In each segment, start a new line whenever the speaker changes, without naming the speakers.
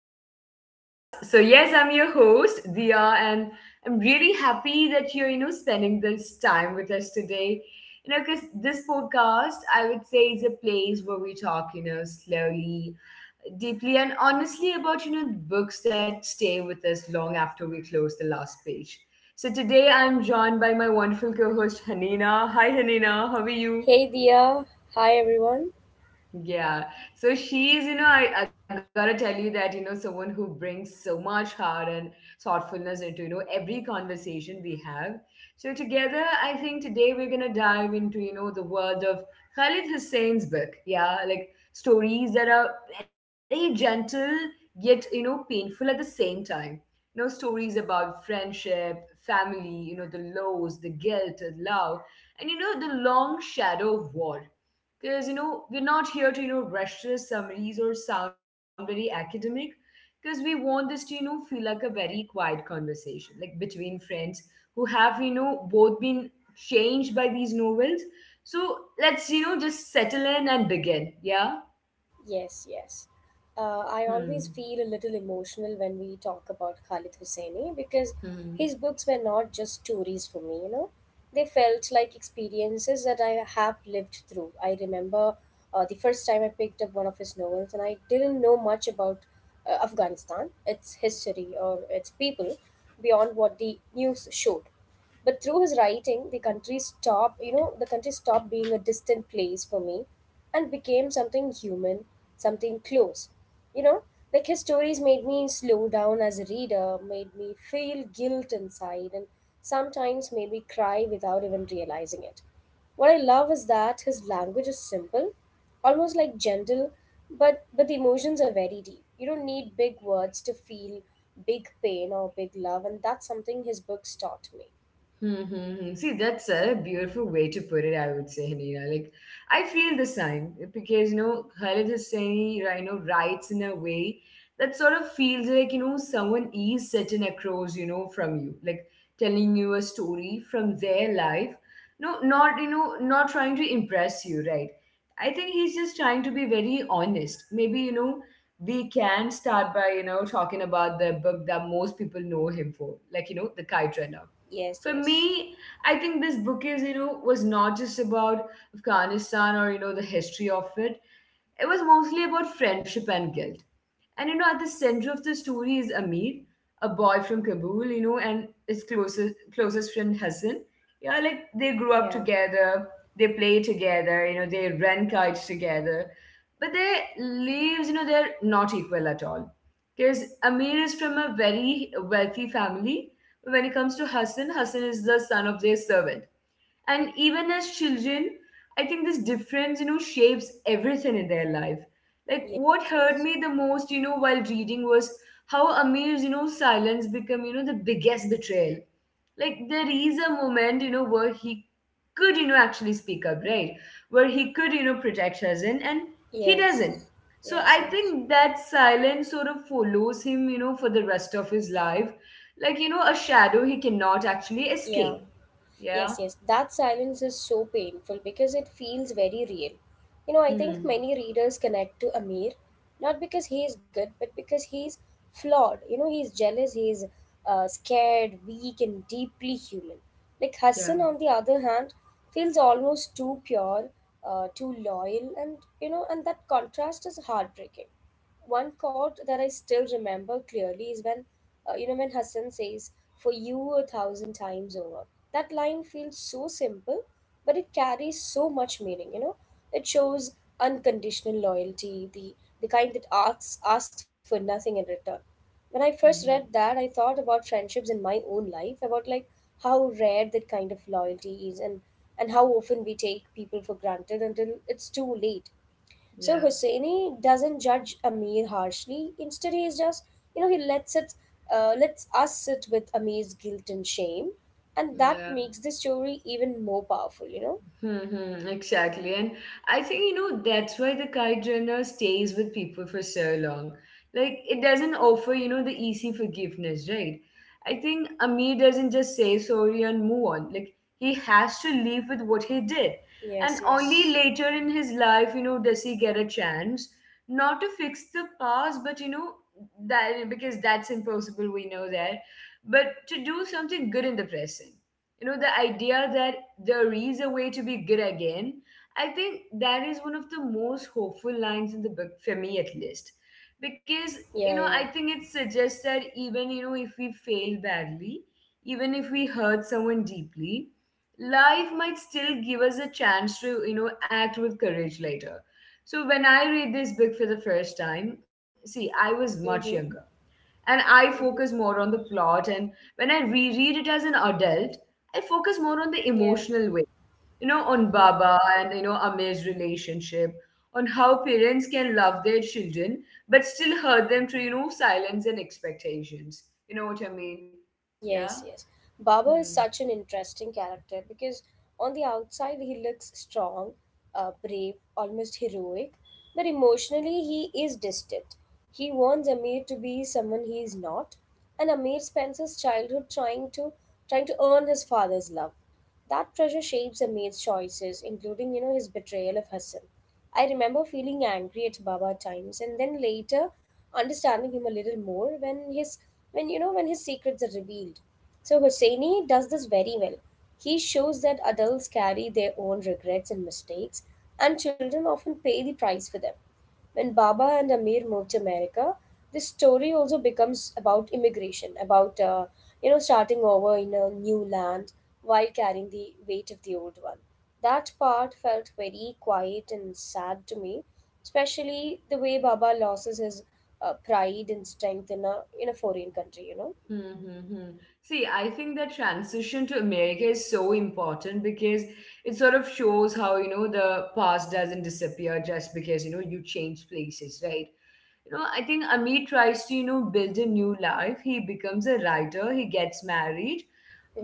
back to our podcast. So, yes, I'm your host, Dia, and I'm really happy that you're, spending this time with us today. Because this podcast, I would say, is a place where we talk, slowly, deeply, and honestly about, books that stay with us long after we close the last page. So, today I'm joined by my wonderful co host, Hanina. Hi, Hanina, how are you?
Hey Dia, hi everyone.
Yeah. So she's, I gotta tell you that, someone who brings so much heart and thoughtfulness into, every conversation we have. So together, I think today we're gonna dive into, the world of Khalid Hussein's book. Yeah, like stories that are very gentle yet, painful at the same time. Stories about friendship, family, the lows, the guilt, the love, and the long shadow of war, because we're not here to rush the summaries or sound very academic, because we want this to feel like a very quiet conversation, like between friends who have both been changed by these novels. So let's just settle in and begin. Yeah.
Yes, yes.
Hmm.
I always feel a little emotional when we talk about Khalid Hosseini because
Hmm.
his books were not just stories for me. They felt like experiences that I have lived through. I remember the first time I picked up one of his novels and I didn't know much about Afghanistan, its history, or its people beyond what the news showed. But through his writing, the country stopped being a distant place for me and became something human, something close. You know, like his stories made me slow down as a reader, made me feel guilt inside, and sometimes made me cry without even realizing it. What I love is that his language is simple, almost like gentle, but the emotions are very deep. You don't need big words to feel big pain or big love, and that's something his books taught me.
Mm-hmm. See, that's a beautiful way to put it, I would say, Hanina. Like, I feel the same, because, Khalid Hosseini, writes in a way that sort of feels like, someone is sitting across, from you, like telling you a story from their life. No, not, not trying to impress you, right? I think he's just trying to be very honest. Maybe, we can start by, talking about the book that most people know him for, like, The Kite Runner
Yes,
for
yes.
me. I think this book was not just about Afghanistan or, the history of it. It was mostly about friendship and guilt. And, at the center of the story is Amir, a boy from Kabul, and his closest friend Hassan. Yeah, like they grew up
Yeah.
together, they play together, they rent kites together. But their lives, they're not equal at all. Because Amir is from a very wealthy family. When it comes to Hassan, Hassan is the son of their servant, and even as children, I think this difference shapes everything in their life. Like what
Yes,
hurt
yes.
me the most, while reading, was how Amir's silence become the biggest betrayal. Like there is a moment, where he could actually speak up, right, where he could protect Shazin, and he doesn't.
Yes.
So
Yes,
I
yes.
think that silence sort of follows him, for the rest of his life, like a shadow he cannot actually
Yeah.
escape. Yeah.
Yes, yes. That silence is so painful because it feels very real. You know, I think
Hmm.
many readers connect to Amir not because he is good, but because he's flawed. You know, he's jealous, he's scared, weak, and deeply human. Like
Yeah.
Hassan, on the other hand, feels almost too pure, too loyal, and that contrast is heartbreaking. One quote that I still remember clearly is when Hassan says, "For you a thousand times over." That line feels so simple, but it carries so much meaning. You know, it shows unconditional loyalty, the kind that asks for nothing in return. When I first read
Mhm.
that, I thought about friendships in my own life, about like how rare that kind of loyalty is, and how often we take people for granted until it's too late. So
Yeah.
Husseini doesn't judge Amir harshly. Instead, he's just, he lets it, lets us sit with Amir's guilt and shame, and that
Yeah.
makes the story even more powerful. You know?
Mm-hmm, exactly. And I think, that's why the kite journal stays with people for so long. Like, it doesn't offer, the easy forgiveness, right? I think Amir doesn't just say sorry and move on. Like, he has to live with what he did. And
Yes.
only
Yes.
later in his life, does he get a chance not to fix the past, but, that, because that's impossible, we know that, but to do something good in the present. The idea that there is a way to be good again. I think that is one of the most hopeful lines in the book for me, at least, because
Yeah.
I
Yeah.
think it suggests that even if we fail badly, even if we hurt someone deeply, life might still give us a chance to act with courage later. So when I read this book for the first time, see, I was much younger,
Mhm.
and I focus
Mhm.
more on the plot. And when I reread it as an adult, I focus more on the
Yeah.
emotional, on
Mhm.
Baba and, Amir's relationship, on how parents can love their children but still hurt them through, silence and expectations. You know what I mean? Yeah.
Yes, yes. Baba
Hmm.
is such an interesting character because on the outside he looks strong, brave, almost heroic, but emotionally he is distant. He wants Amir to be someone he is not, and Amir spends his childhood trying to earn his father's love. That pressure shapes a maid's choices, including, you know, his betrayal of Hassan. I remember feeling angry at Baba at times and then later understanding him a little more when his when you know when his secrets are revealed. So Hosseini does this very well. He shows that adults carry their own regrets and mistakes and children often pay the price for them. When Baba and Amir moved to America, this story also becomes about immigration, about starting over in a new land while carrying the weight of the old one. That part felt very quiet and sad to me, especially the way Baba loses his pride and strength in a foreign country. You know.
Hmm, hmm, hmm. See, I think that transition to America is so important because it sort of shows how, the past doesn't disappear just because, you change places, right? I think Amit tries to, build a new life. He becomes a writer, he gets married.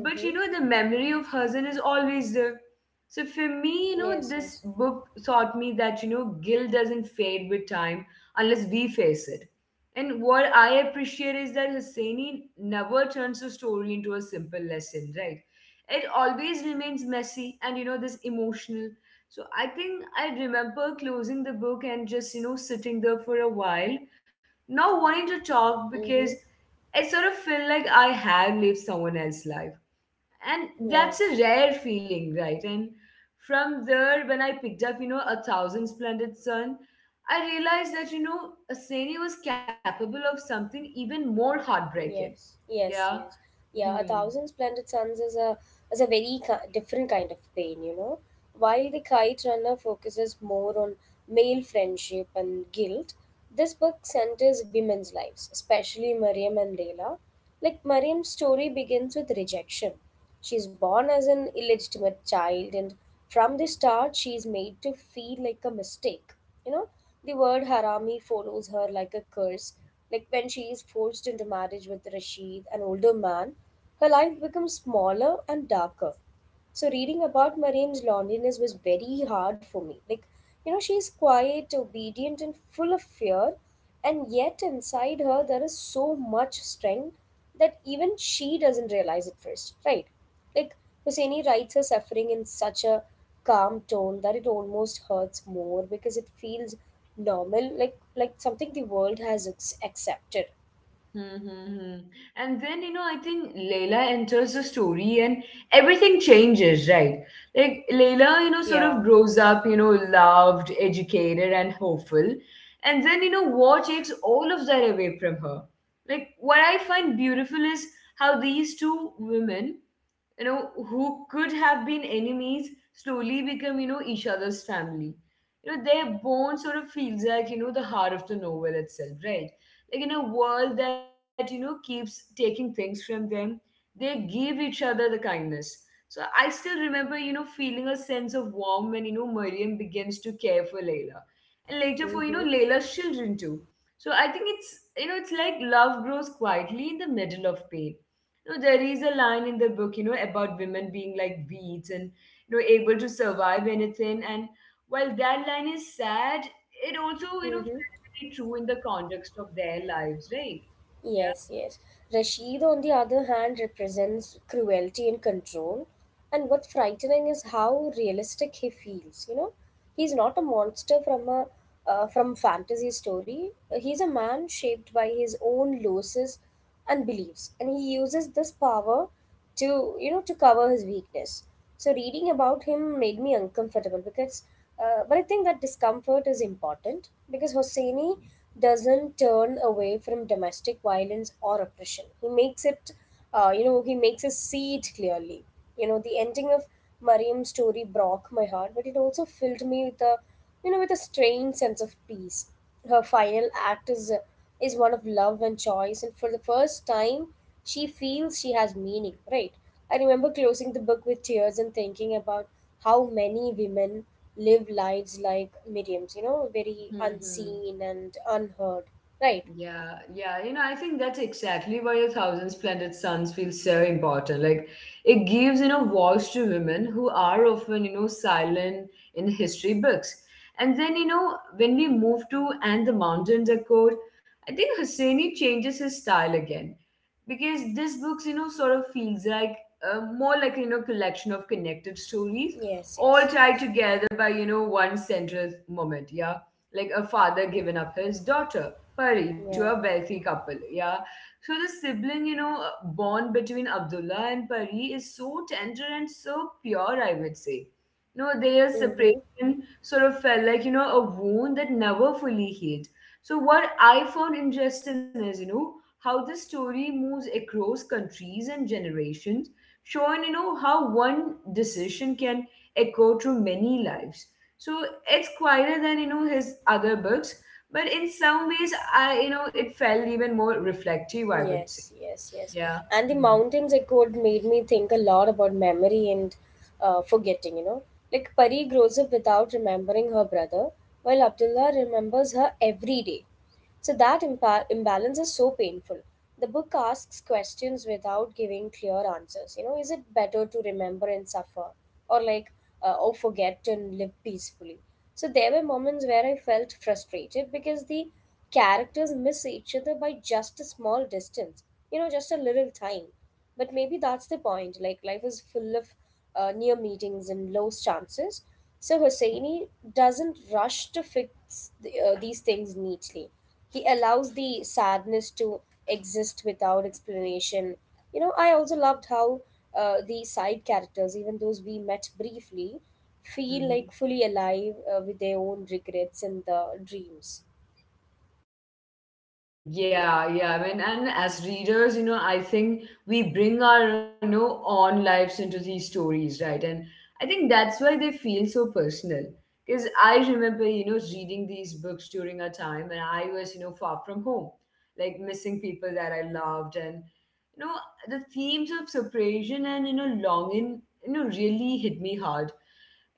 But, the memory of Hazan is always there. So for me,
Yes,
this
yes.
book taught me that, guilt doesn't fade with time unless we face it. And what I appreciate is that Husseini never turns a story into a simple lesson, right? It always remains messy and, this emotional. So I think I remember closing the book and just, sitting there for a while, not wanting to talk, because
Mm-hmm.
I sort of feel like I had lived someone else's life. And
Yeah.
that's a rare feeling, right? And from there, when I picked up, A Thousand Splendid Sun, I realized that, Aseni was capable of something even more heartbreaking.
Yes, yes,
Yeah.
yes. Yeah, a
Hmm.
thousand splendid suns is a very different kind of pain, you know. While the kite runner focuses more on male friendship and guilt, this book centers women's lives, especially Mariam and Leila. Like Mariam's story begins with rejection. She is born as an illegitimate child, and from the start, she is made to feel like a mistake. You know, the word harami follows her like a curse. Like when she is forced into marriage with Rashid, an older man, her life becomes smaller and darker. So reading about Mariam's loneliness was very hard for me. Like, you know, she's quiet, obedient, and full of fear, and yet inside her there is so much strength that even she doesn't realize at first, right? Like Husseini writes her suffering in such a calm tone that it almost hurts more because it feels normal, like something the world has accepted.
Mm-hmm. And then, I think Layla enters the story and everything changes, right? Like, Layla, sort of
Yeah.
grows up, loved, educated, and hopeful. And then, war takes all of that away from her. Like, what I find beautiful is how these two women, who could have been enemies, slowly become, each other's family. Their bond sort of feels like, the heart of the novel itself, right? Like in a world that, keeps taking things from them, they give each other the kindness. So I still remember, feeling a sense of warmth when, Miriam begins to care for Layla, and later for,
Mm-hmm.
Layla's children too. So I think it's you know it's like love grows quietly in the middle of pain. No, there is a line in the book, about women being like weeds and, able to survive anything. And while that line is sad, it also,
Mm-hmm.
felt very true in the context of their lives, right? Yeah.
Yes, yes. Rashid, on the other hand, represents cruelty and control. And what's frightening is how realistic he feels. You know, he's not a monster from a from fantasy story. He's a man shaped by his own losses and beliefs, and he uses this power to to cover his weakness. So reading about him made me uncomfortable because but I think that discomfort is important because Hosseini doesn't turn away from domestic violence or oppression. He makes it, he makes us see it clearly. You know, the ending of Mariam's story broke my heart, but it also filled me with a with a strange sense of peace. Her final act is one of love and choice, and for the first time, she feels she has meaning. Right? I remember closing the book with tears and thinking about how many women live lives like Miriam's. You know, very
Hmm.
unseen and unheard. Right?
Yeah, yeah, I think that's exactly why a thousand splendid suns feels so important. Like it gives, voice to women who are often, silent in history books. And then, when we move to And the Mountains Accord, I think Hosseini changes his style again, because this books, sort of feels like, more like, collection of connected stories
Yes.
all
Yes.
tied
Yes.
together by, one central moment. Yeah. Like a father
Mm-hmm.
giving up his daughter Pari to a
Yeah.
wealthy couple. Yeah. So the sibling, bond between Abdullah and Pari is so tender and so pure, I would say. No, their separation
Mm-hmm.
sort of felt like, a wound that never fully healed. So what I found interesting is, how the story moves across countries and generations, showing, how one decision can echo through many lives. So it's quieter than, his other books, but in some ways, I you know it felt even more reflective, I would say.
Yes, yes, yes.
Yeah.
And the mountains echoed made me think a lot about memory and forgetting, you know. Like Pari grows up without remembering her brother, while Abdullah remembers her every day. So that imbalance is so painful. The book asks questions without giving clear answers. You know, is it better to remember and suffer, or like, or forget and live peacefully? So there were moments where I felt frustrated because the characters miss each other by just a small distance, you know, just a little time, but maybe that's the point. Like life is full of near meetings and lost chances. So Hosseini doesn't rush to fix these things neatly. He allows the sadness to exist without explanation. You know, I also loved how the side characters, even those we met briefly, feel
Mm-hmm.
like fully alive, with their own regrets and the dreams.
Yeah, yeah. I mean, and as readers, I think we bring our, own lives into these stories, right? And I think that's why they feel so personal. Because I remember, reading these books during a time when I was, far from home, like missing people that I loved. And, you know, the themes of separation and, longing, really hit me hard.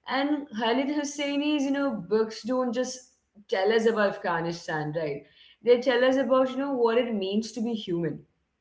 And Khalid Hosseini's, books don't just tell us about Afghanistan, right? They tell us about, what it means to be human,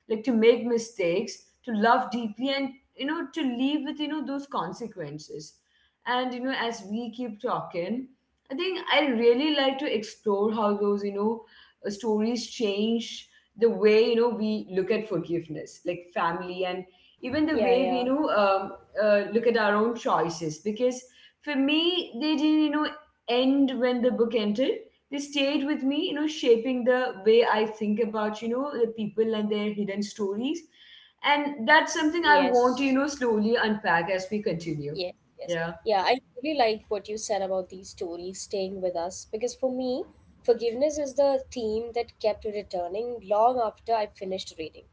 like to make mistakes, to love deeply, and, to live with, those consequences. And, as we keep talking, I think I really like to explore how those, stories change the way, we look at forgiveness, like family, and even the
Yeah,
way we,
yeah.
look at our own choices, because for me they didn't, end when the book ended. They stayed with me, shaping the way I think about, the people and their hidden stories. And that's something I want to,
Yes.
slowly unpack as we continue.
Yes, yes.
Yeah.
Yeah, I really like what you said about these stories staying with us because for me, forgiveness is the theme that kept returning long after I finished reading.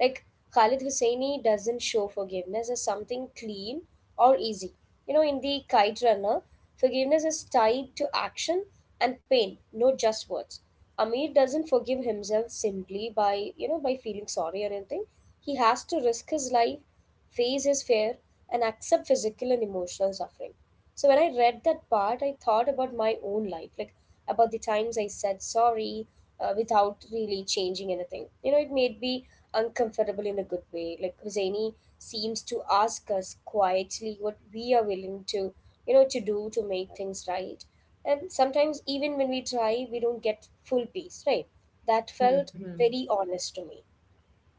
Like Khalid Hosseini doesn't show forgiveness as something clean or easy. You know, in the Kite Runner, forgiveness is tied to action and pain, not just words. Amir doesn't forgive himself simply by, you know, by feeling sorry or anything. He has to risk his life, face is fair, and accept physical and emotional suffering. So when I read that part, I thought about my own life, like about the times I said sorry without really changing anything. You know, it made me uncomfortable in a good way. Like Husseini seems to ask us quietly what we are willing to, you know, to do to make things right. And sometimes even when we try, we don't get full peace, right? That felt
Hmm.
very honest to me.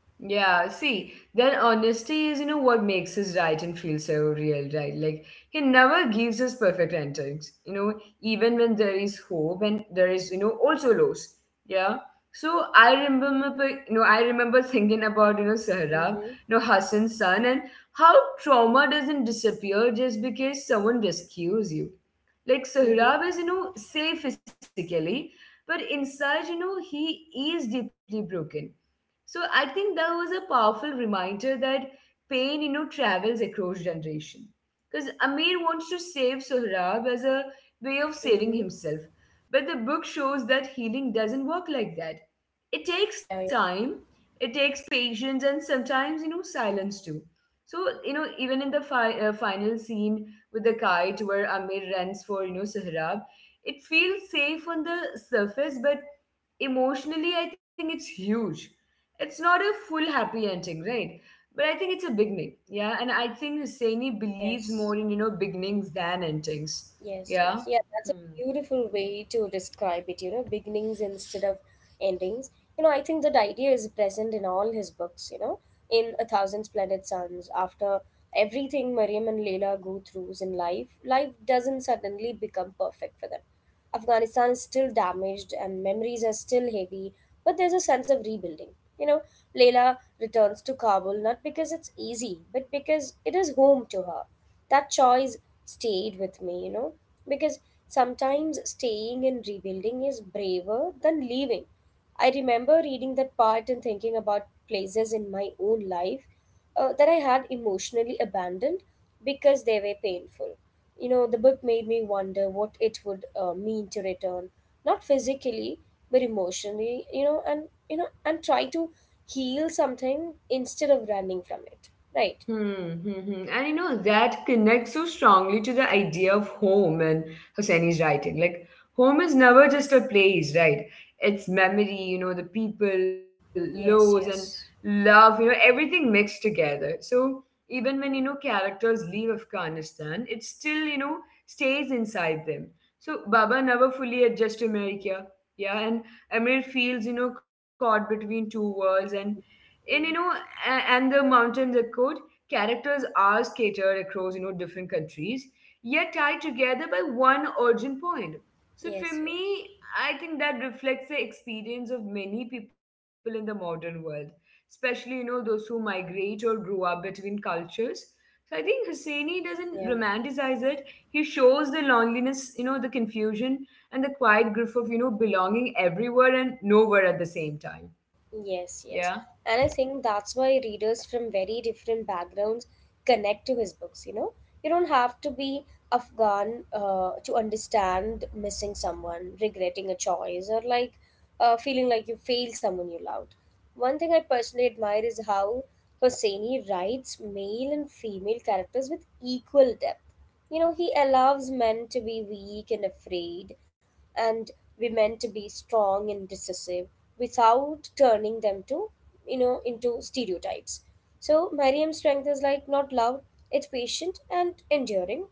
Yeah, see, then honesty is, what makes his writing feel so real, right? Like, he never gives us perfect endings, even when there is hope and there is, also loss. Yeah. So I remember, I remember thinking about, Sahrab,
Mm-hmm.
Hassan's son, and how trauma doesn't disappear just because someone rescues you. Like,
Mm-hmm.
Sahrab is, safe physically, but inside, he is deeply broken. So I think that was a powerful reminder that pain, travels across generation. Because Amir wants to save Sohrab as a way of saving
Mm-hmm.
himself. But the book shows that healing doesn't work like that. It takes
Yeah.
time, it takes patience, and sometimes, silence too. So, even in the final scene with the kite where Amir runs for, Sohrab, it feels safe on the surface, but emotionally, I think it's huge. It's not a full happy ending, right? But I think it's a beginning, yeah. And I think Husseini believes more
Yes,
in beginnings than endings,
yes,
yeah.
yes. Yeah, that's a
Hmm.
beautiful way to describe it, you know, beginnings instead of endings. You know, I think that idea is present in all his books, you know, in A Thousand Splendid Suns, after everything Mariam and Leila go through in life, life doesn't suddenly become perfect for them. Afghanistan is still damaged and memories are still heavy, but there's a sense of rebuilding. You know, Leila returns to Kabul not because it's easy, but because it is home to her. That choice stayed with me, you know, because sometimes staying and rebuilding is braver than leaving. I remember reading that part and thinking about places in my own life that I had emotionally abandoned because they were painful. You know, the book made me wonder what it would mean to return, not physically, but emotionally, you know, and try to heal something instead of running from it. Right.
Hmm, hmm, hmm. And that connects so strongly to the idea of home and Hosseini's writing. Like, home is never just a place, right? It's memory, the people, lows, and
Yes, yes.
love, everything mixed together. So, even when, characters leave Afghanistan, it still, stays inside them. So, Baba never fully adjusts to America. Yeah, and Amir feels, caught between two worlds, and you know
Mm,
a- and the mountains are accord. Characters are scattered across, different countries, yet tied together by one origin point. So
yes,
for
yes.
me, I think that reflects the experience of many people in the modern world, especially, those who migrate or grow up between cultures. So I think Husseini doesn't
Yeah.
romanticize it. He shows the loneliness, the confusion and the quiet grief of, belonging everywhere and nowhere at the same time. Yeah.
Yes, yes. And I think that's why readers from very different backgrounds connect to his books, you know? You don't have to be Afghan to understand missing someone, regretting a choice, or like feeling like you failed someone you loved. One thing I personally admire is how Hosseini writes male and female characters with equal depth. You know, he allows men to be weak and afraid, and we meant to be strong and decisive without turning them to, you know, into stereotypes. So Mariam's strength is like not loud, it's patient and enduring.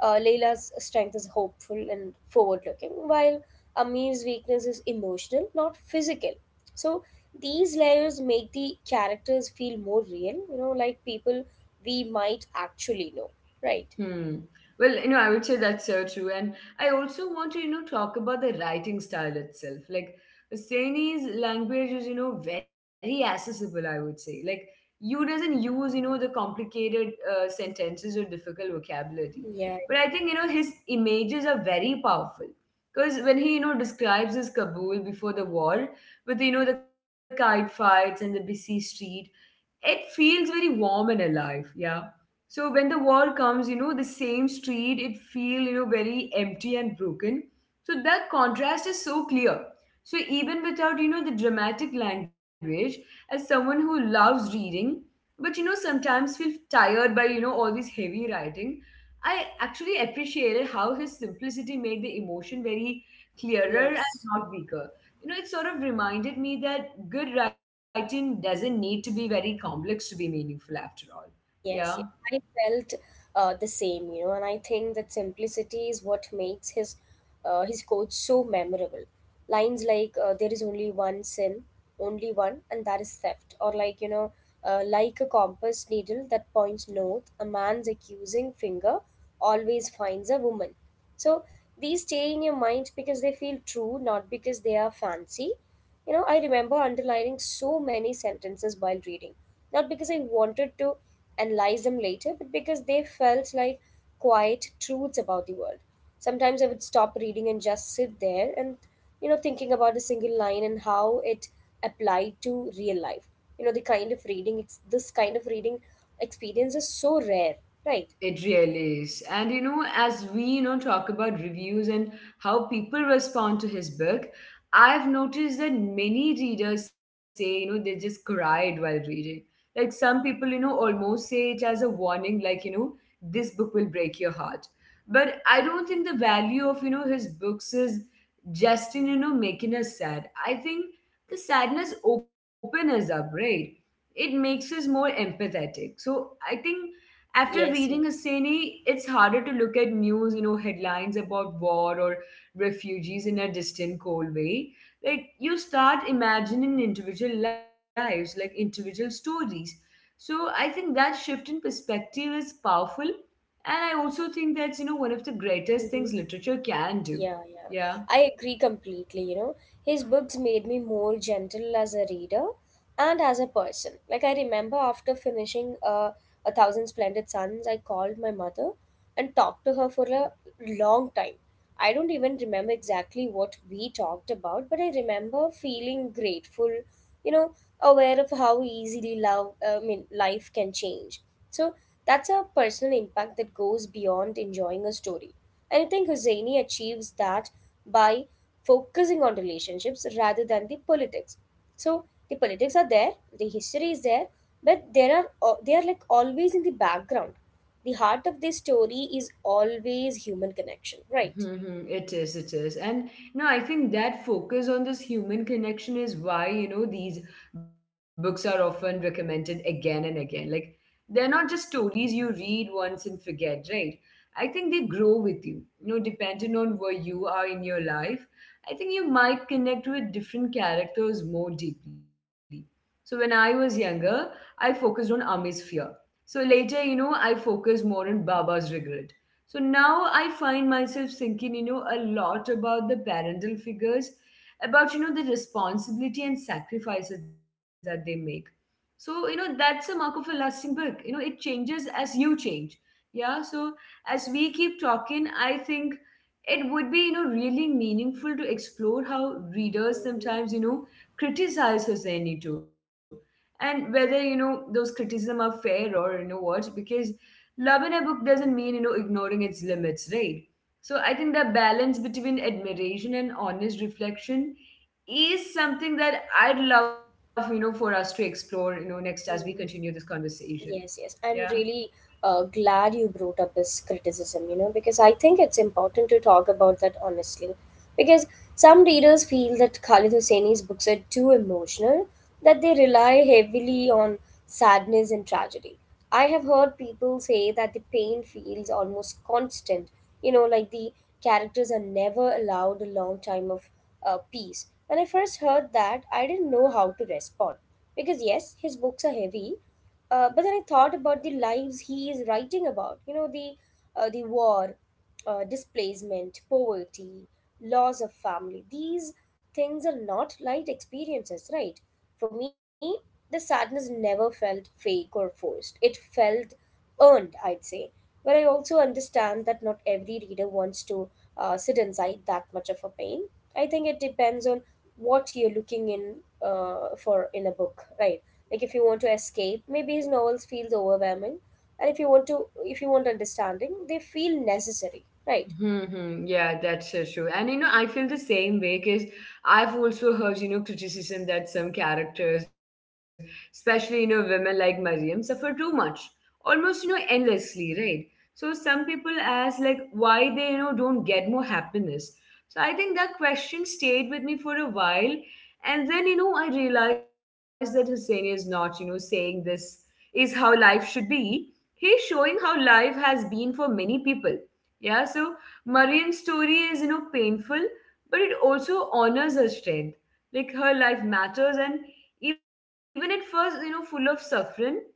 Layla's strength is hopeful and forward looking, while Amir's weakness is emotional, not physical. So these layers make the characters feel more real, you know, like people we might actually know, right?
Hmm. Well, I would say that's so true. And I also want to, talk about the writing style itself. Like, Saini's language is, very accessible, I would say. Like, you doesn't use, the complicated sentences or difficult vocabulary.
Yeah.
But I think, his images are very powerful. Because when he, describes his Kabul before the war, with, the kite fights and the busy street, it feels very warm and alive, yeah. So when the war comes, the same street, it feel, very empty and broken. So that contrast is so clear. So even without, the dramatic language, as someone who loves reading, but sometimes feel tired by all this heavy writing, I actually appreciated how his simplicity made the emotion very clearer
Yes.
and not weaker. It sort of reminded me that good writing doesn't need to be very complex to be meaningful after all. Yeah.
Yes, yes. I felt the same, you know, and I think that simplicity is what makes his coach so memorable. Lines like "There is only one sin, only one, and that is theft," or "Like a compass needle that points north, a man's accusing finger always finds a woman." So these stay in your mind because they feel true, not because they are fancy. You know, I remember underlining so many sentences while reading, not because I wanted to analyze them later, but because they felt like quiet truths about the world. Sometimes I would stop reading and just sit there and, you know, thinking about a single line and how it applied to real life. You know, the kind of reading, it's this kind of reading experience is so rare, right?
It really is. And as we, talk about reviews and how people respond to his book, I've noticed that many readers say, they just cried while reading. Like some people, almost say it as a warning, like, this book will break your heart. But I don't think the value of, his books is just in, making us sad. I think the sadness opens us up, right? It makes us more empathetic. So I think after reading
Yes, yes.
Husseini, it's harder to look at news, headlines about war or refugees in a distant, cold way. Like, you start imagining individual lives, like individual stories. So, I think that shift in perspective is powerful. And I also think that's, one of the greatest things
Mm-hmm.
literature can do.
Yeah, yeah.
Yeah.
I agree completely, you know. His books made me more gentle as a reader and as a person. Like I remember after finishing A Thousand Splendid Suns, I called my mother and talked to her for a long time. I don't even remember exactly what we talked about, but I remember feeling grateful, you know, aware of how easily life can change. So that's a personal impact that goes beyond enjoying a story. And I think Husseini achieves that by focusing on relationships rather than the politics. So the politics are there, the history is there, but they are like always in the background. The heart of this story is always human connection, right?
Mhm. It is, it is. And no, I think that focus on this human connection is why, these books are often recommended again and again. Like, they're not just stories you read once and forget, right? I think they grow with you. Depending on where you are in your life, I think you might connect with different characters more deeply. So when I was younger, I focused on Ame's fear. So later, I focused more on Baba's regret. So now I find myself thinking, a lot about the parental figures, about, the responsibility and sacrifices that they make. So, that's a mark of a lasting book. It changes as you change. Yeah. So as we keep talking, I think it would be, really meaningful to explore how readers
Mm-hmm.
sometimes, criticize Hosseini too. And whether, those criticism are fair or what, because love in a book doesn't mean ignoring its limits, right? So I think the balance between admiration and honest reflection is something that I'd love, for us to explore, next as we continue
Mm-hmm.
this conversation,
Yes, yes.
yeah.
I'm really glad you brought up this criticism, you know, because I think it's important to talk about that honestly. Because some readers feel that Khalid Hosseini's books are too emotional, that they rely heavily on sadness and tragedy. I have heard people say that the pain feels almost constant, you know, like the characters are never allowed a long time of peace. When I first heard that, I didn't know how to respond. Because yes, his books are heavy, but then I thought about the lives he is writing about. You know, the war, displacement, poverty, loss of family. These things are not light experiences, right? For me, the sadness never felt fake or forced. It felt earned, I'd say. But I also understand that not every reader wants to sit inside that much of a pain. I think it depends on what you're looking in for in a book, right? Like if you want to escape, maybe his novels feels overwhelming, and if you want understanding, they feel necessary, right?
Mm-hmm. Yeah, that's so true. And I feel the same way because I've also heard, criticism that some characters, especially, women like Mariam, suffer too much, almost, endlessly, right? So some people ask, like, why they, don't get more happiness. So I think that question stayed with me for a while. And then, I realized that Hussein is not, saying this is how life should be. He's showing how life has been for many people. Yeah, so Marian's story is, painful, but it also honors her strength. Like her life matters, and even at first, full of suffering,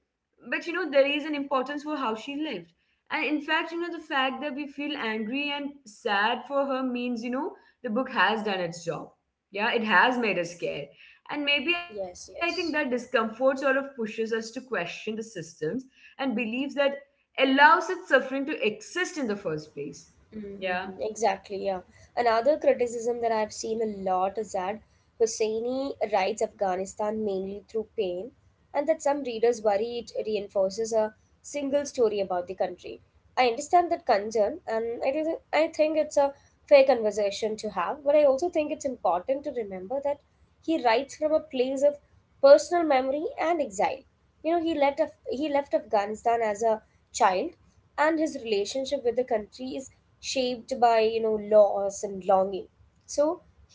but there is an importance for how she lived. And in fact, the fact that we feel angry and sad for her means, the book has done its job. Yeah, it has made us scared. And maybe I think that
Yes, yes.
discomfort sort of pushes us to question the systems and beliefs that allow such suffering to exist in the first place. Yeah.
Mm-hmm. Exactly, yeah. Another criticism that I've seen a lot is that Husseini writes Afghanistan mainly through pain, and that some readers worry it reinforces a single story about the country. I understand that concern, and I think it's a fair conversation to have, but I also think it's important to remember that he writes from a place of personal memory and exile. You know, he left Afghanistan as a child, and his relationship with the country is shaped by, you know, loss and longing. So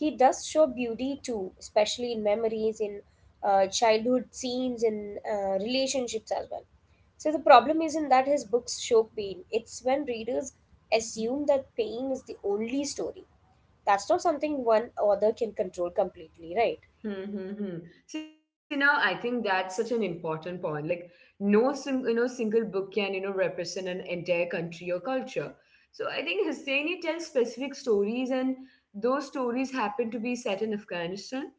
he does show beauty too, especially in memories, in childhood scenes, in relationships as well. So the problem isn't that his books show pain, it's when readers assume that pain is the only story. That's not something one author can control completely, right?
Mm-hmm. See, now I think that's such an important point. Like, no single, single book can, represent an entire country or culture. So I think Husseini tells specific stories, and those stories happen to be set in Afghanistan.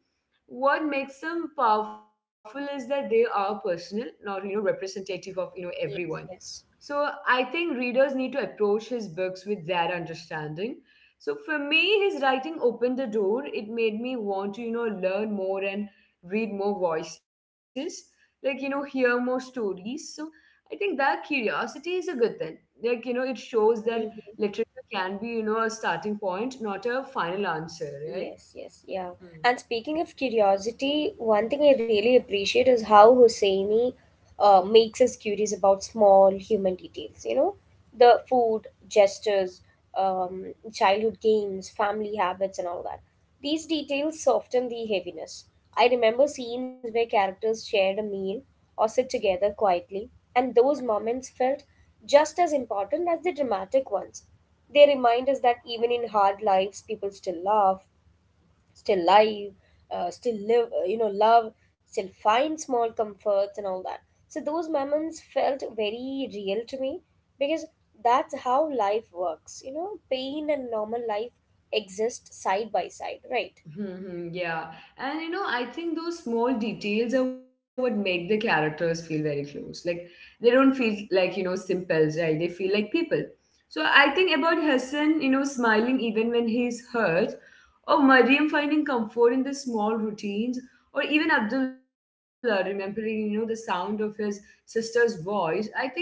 What makes them powerful is that they are personal, not, representative of, everyone.
Yes, yes.
So I think readers need to approach his books with that understanding. So for me, his writing opened the door. It made me want to, learn more and read more voices, like, hear more stories. So I think that curiosity is a good thing. Like, it shows that
Mhm.
literature can be, a starting point, not a final answer, right?
Yes, yes, yeah.
Hmm.
And speaking of curiosity, one thing I really appreciate is how Hosseini makes us curious about small human details. You know, the food, gestures, childhood games, family habits, and all that. These details soften the heaviness. I remember scenes where characters shared a meal or sit together quietly, and those moments felt just as important as the dramatic ones. They remind us that even in hard lives, people still laugh, still live, still live, you know, love, still find small comforts and all that. So those moments felt very real to me because that's how life works. You know, pain and normal life exist side by side, right?
Mhm, yeah. And I think those small details are what make the characters feel very close. Like they don't feel like, simples, right? They feel like people. So I think about Hassan, smiling even when he's hurt, or Mariam finding comfort in the small routines, or even Abdullah remembering, the sound of his sister's voice. I think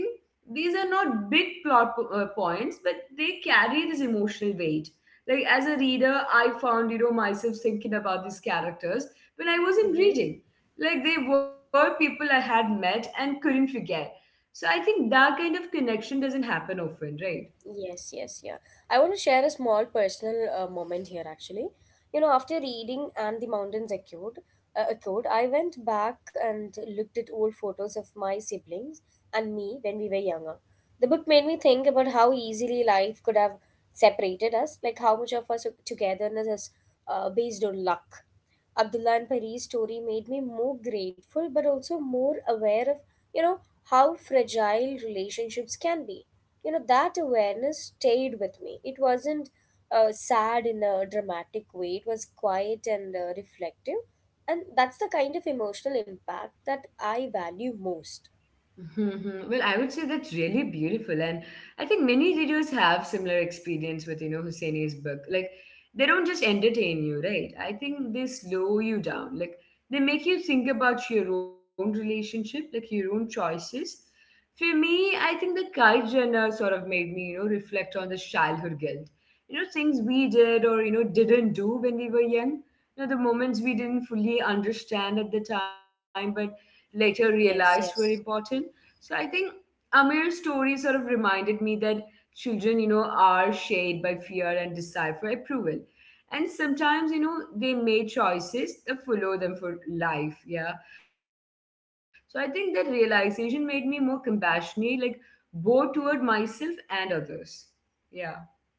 these are not big plot points, but they carry this emotional weight. Like as a reader, I found, myself thinking about these characters when I wasn't
Mm-hmm.
reading. Like they were people I had met and couldn't forget. So I think that kind of connection doesn't happen often, right?
Yes, yes, yeah. I want to share a small personal moment here actually. You know, after reading And the Mountains Echoed, I went back and looked at old photos of my siblings and me when we were younger. The book made me think about how easily life could have separated us, like how much of us togetherness is based on luck. Abdullah and Pari's story made me more grateful but also more aware of, you know, how fragile relationships can be. You know, that awareness stayed with me. It wasn't sad in a dramatic way, it was quiet and reflective. And that's the kind of emotional impact that I value most.
Mhm. Well, I would say that's really beautiful, and I think many readers have similar experience with Husseini's book. Like they don't just entertain you, right? I think they slow you down. Like they make you think about your own relationship, like your own choices. For me, I think the Kai Jenner sort of made me reflect on the childhood guilt. Things we did or didn't do when we were young. The moments we didn't fully understand at the time, but later
Yes,
realized were
yes.
important. So I think Amir's story sort of reminded me that children, are shaped by fear and desire for approval. And sometimes, they make choices that follow them for life. Yeah. So I think that realization made me more compassionate, like both toward myself and others. Yeah.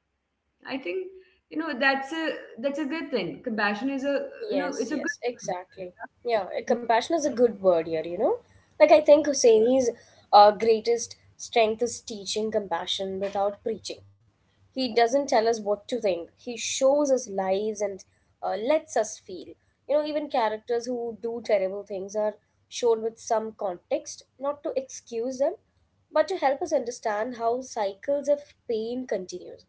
I think, you know, that's a that's a good thing. Compassion is a it's a good.
Yes, yes, exactly. Yeah, compassion is a good word here, you know? Like, I think Husseini's greatest strength is teaching compassion without preaching. He doesn't tell us what to think, he shows us lives and lets us feel. You know, even characters who do terrible things are shown with some context, not to excuse them, but to help us understand how cycles of pain continues.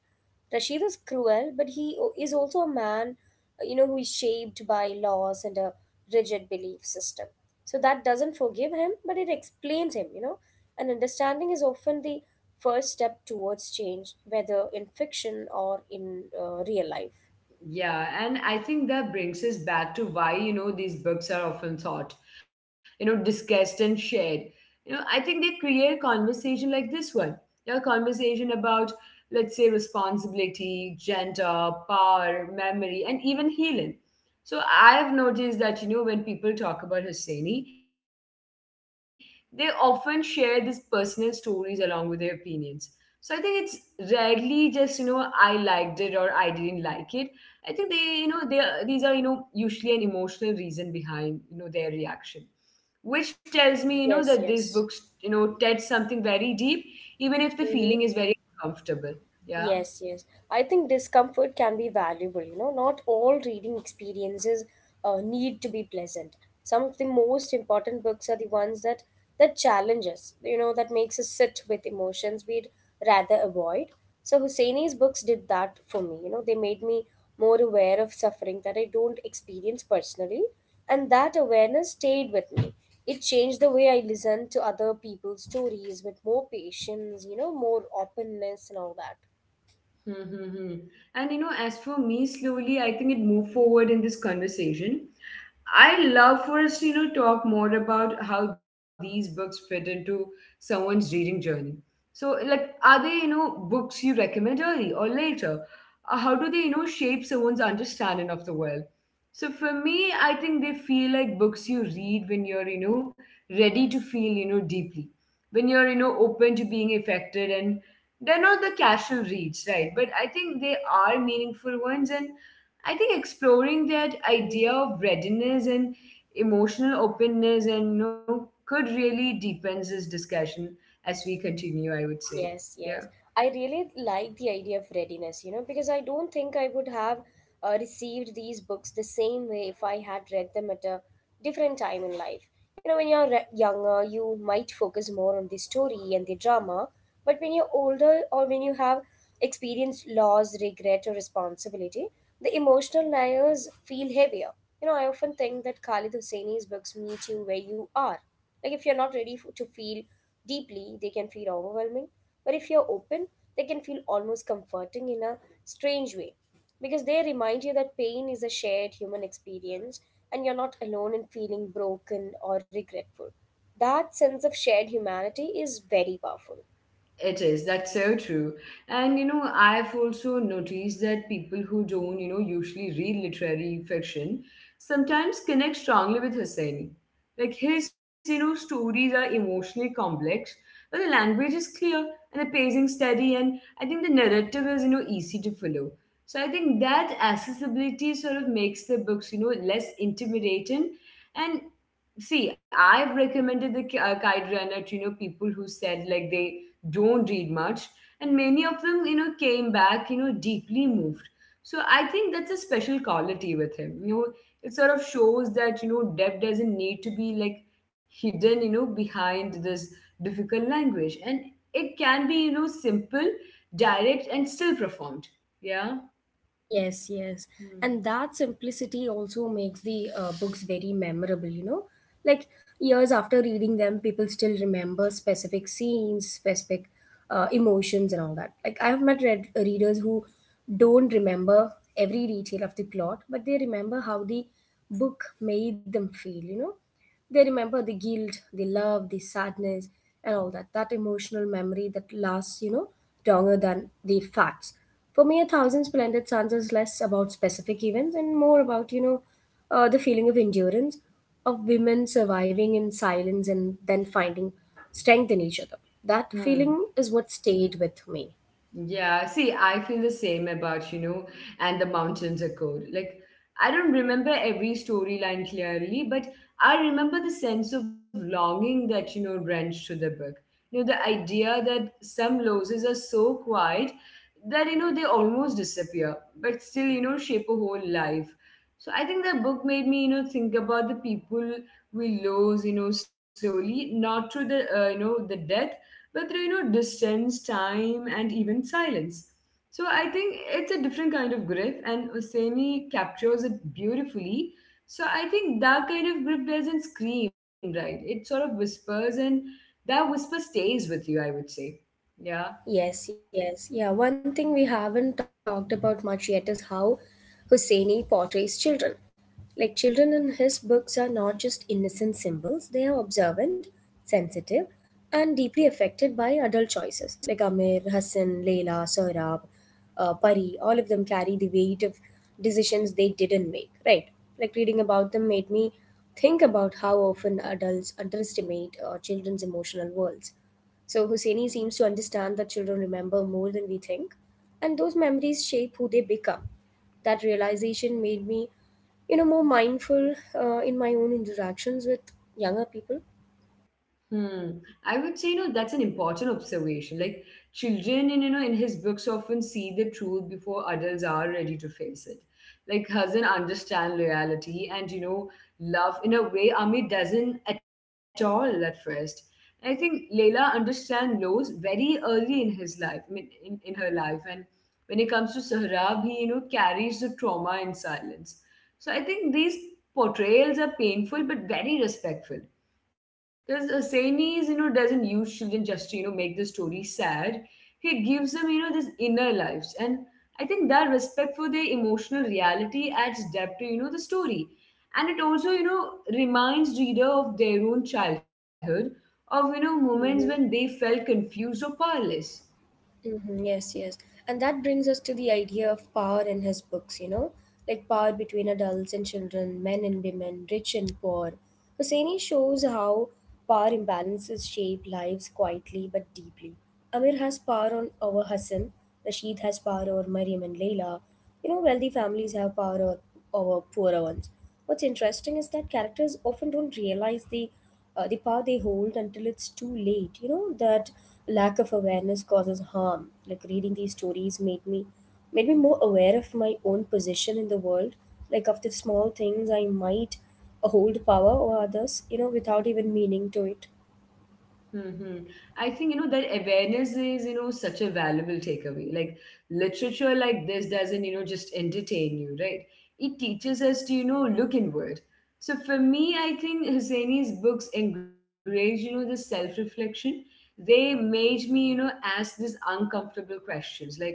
Rashid is cruel, but he is also a man, you know, who is shaped by laws and a rigid belief system. So that doesn't forgive him, but it explains him, you know. And understanding is often the first step towards change, whether in fiction or in real life.
Yeah, and I think that brings us back to why, these books are often thought, discussed and shared. I think they create conversation like this one. Conversation about, let's say, responsibility, gender, power, memory, and even healing. So I've noticed that, when people talk about Husseini, they often share these personal stories along with their opinions. So I think it's rarely just, I liked it or I didn't like it. I think they, you know, they are- these are, you know, usually an emotional reason behind, their reaction, which tells me,
Yes,
that these
yes.
books, touch something very deep, even if the
Mm-hmm.
feeling is very uncomfortable. Yeah.
Yes, yes. I think discomfort can be valuable. You know, not all reading experiences need to be pleasant. Some of the most important books are the ones that challenge us. You know, that makes us sit with emotions we'd rather avoid. So Husseini's books did that for me. You know, they made me more aware of suffering that I don't experience personally, and that awareness stayed with me. It changed the way I listened to other people's stories with more patience. You know, more openness and all that.
Mm-hmm. And as for me, slowly, I think it moved forward in this conversation. I love for us to, talk more about how these books fit into someone's reading journey. So, like, are they, books you recommend early or later? How do they, shape someone's understanding of the world? So, for me, I think they feel like books you read when you're, ready to feel, deeply, when you're, open to being affected, and they're not the casual reads, right? But I think they are meaningful ones. And I think exploring that
Mm-hmm.
idea of readiness and emotional openness and could really deepens this discussion as we continue, I would say.
Yes,
Yeah.
yes. I really like the idea of readiness, you know, because I don't think I would have received these books the same way if I had read them at a different time in life. You know, when you're younger, you might focus more on the story and the drama, but when you're older or when you have experienced loss, regret, or responsibility, the emotional layers feel heavier. You know, I often think that Khalid Hosseini's books meet you where you are. Like if you're not ready to feel deeply, they can feel overwhelming. But if you're open, they can feel almost comforting in a strange way, because they remind you that pain is a shared human experience and you're not alone in feeling broken or regretful. That sense of shared humanity is very powerful.
It is. That's so true. And I've also noticed that people who don't, usually read literary fiction sometimes connect strongly with Husseini. Like his, stories are emotionally complex, but the language is clear and the pacing steady, and I think the narrative is, easy to follow. So I think that accessibility sort of makes the books, less intimidating. And see, I've recommended the kite runner to people who said like they don't read much, and many of them came back deeply moved. So I think that's a special quality with him. It sort of shows that depth doesn't need to be like hidden behind this difficult language, and it can be simple, direct, and still performed. Yeah.
Yes, yes. And
Hmm.
that simplicity also makes the books very memorable, you know? Like years after reading them, people still remember specific scenes, specific emotions, and all that. Like I've met readers who don't remember every detail of the plot, but they remember how the book made them feel, you know? They remember the guilt, the love, the sadness, and all that. That emotional memory that lasts, you know, longer than the facts. For me, A Thousand Splendid Suns is less about specific events and more about, you know, the feeling of endurance, of women surviving in silence and then finding strength in each other. That
Hmm.
feeling is what stayed with me.
Yeah, see, I feel the same about, And the Mountains Are Cold. Like, I don't remember every storyline clearly, but I remember the sense of longing that, wrenched through the book. The idea that some losses are so quiet that, they almost disappear, but still, shape a whole life. So I think that book made me, think about the people we lose, slowly, not through the, the death, but through distance, time, and even silence. So I think it's a different kind of grief, and Oseni captures it beautifully. So I think that kind of grief doesn't scream, right? It sort of whispers, and that whisper stays with you, I would say. Yeah.
Yes, yes. Yeah, one thing we haven't talked about much yet is how Husseini portrays children. Like, children in his books are not just innocent symbols, they are observant, sensitive, and deeply affected by adult choices. Like Amir, Hassan, Leila, Sohrab, Pari, all of them carry the weight of decisions they didn't make, right? Like, reading about them made me think about how often adults underestimate children's emotional worlds. So Husseini seems to understand that children remember more than we think, and those memories shape who they become. That realization made me, you know, more mindful in my own interactions with younger people.
Hmm. I would say, that's an important observation. Like children in, in his books often see the truth before adults are ready to face it. Like Hazan understand loyalty and, love in a way Amit doesn't at all at first. I think Layla understand lows very early in his life, I mean, in her life. And when it comes to Sahrab, he, carries the trauma in silence. So I think these portrayals are painful but very respectful because Asenes, doesn't use children just to, make the story sad. He gives them, this inner lives. And I think that respect for their emotional reality adds depth to, the story. And it also, reminds reader of their own childhood, of, moments when they
Hmm.
felt confused or powerless.
Mm-hmm, yes, yes. And that brings us to the idea of power in his books, you know, like power between adults and children, men and women, rich and poor. Hosseini shows how power imbalances shape lives quietly but deeply. Amir has power on over Hassan, Rashid has power over Maryam and Layla, you know, wealthy families have power over poorer ones. What's interesting is that characters often don't realize the power they hold until it's too late. You know that lack of awareness causes harm. Like reading these stories made me more aware of my own position in the world. Like of the small things I might hold power over others. You know, without even meaning to it.
Mm-hmm. I think, that awareness is, such a valuable takeaway. Like, literature like this doesn't, just entertain you, right? It teaches us to, look inward. So for me, I think Husseini's books encourage, the self-reflection. They made me, ask these uncomfortable questions like,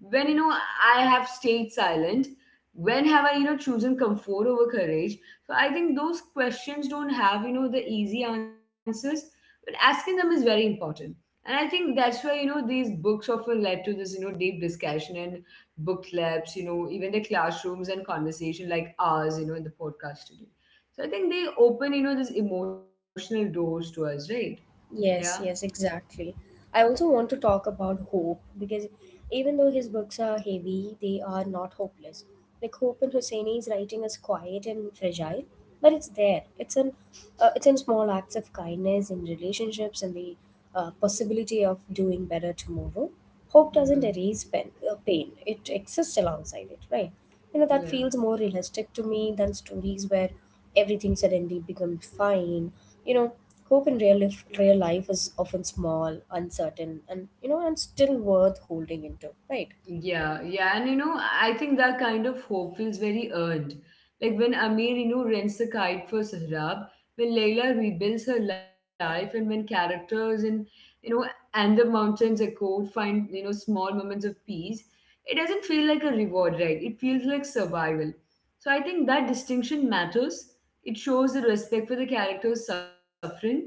when I have stayed silent, when have I chosen comfort over courage. So I think those questions don't have the easy answers, but asking them is very important. And I think that's why these books often led to this deep discussion and book clubs, even the classrooms and conversation like ours, in the podcast today. So I think they open these emotional doors to us, right? Yeah.
Yes, yes, exactly. I also want to talk about hope because even though his books are heavy, they are not hopeless. Like Hope in Hosseini's writing is quiet and fragile, but it's there. It's in small acts of kindness in relationships and the possibility of doing better tomorrow. Hope doesn't
Hmm.
erase pain. It exists alongside it, right? You know, that
Yeah.
feels more realistic to me than stories where everything suddenly becomes fine. You know, Hope in real life is often small, uncertain, and you know, and still worth holding into, right?
Yeah, and I think that kind of hope feels very earned. Like when Amir, rents the kite for Sahrab, when Layla rebuilds her life, and when characters and you know, And the Mountains Echo find small moments of peace. It doesn't feel like a reward, right? It feels like survival. So I think that distinction matters. It shows the respect for the character's suffering,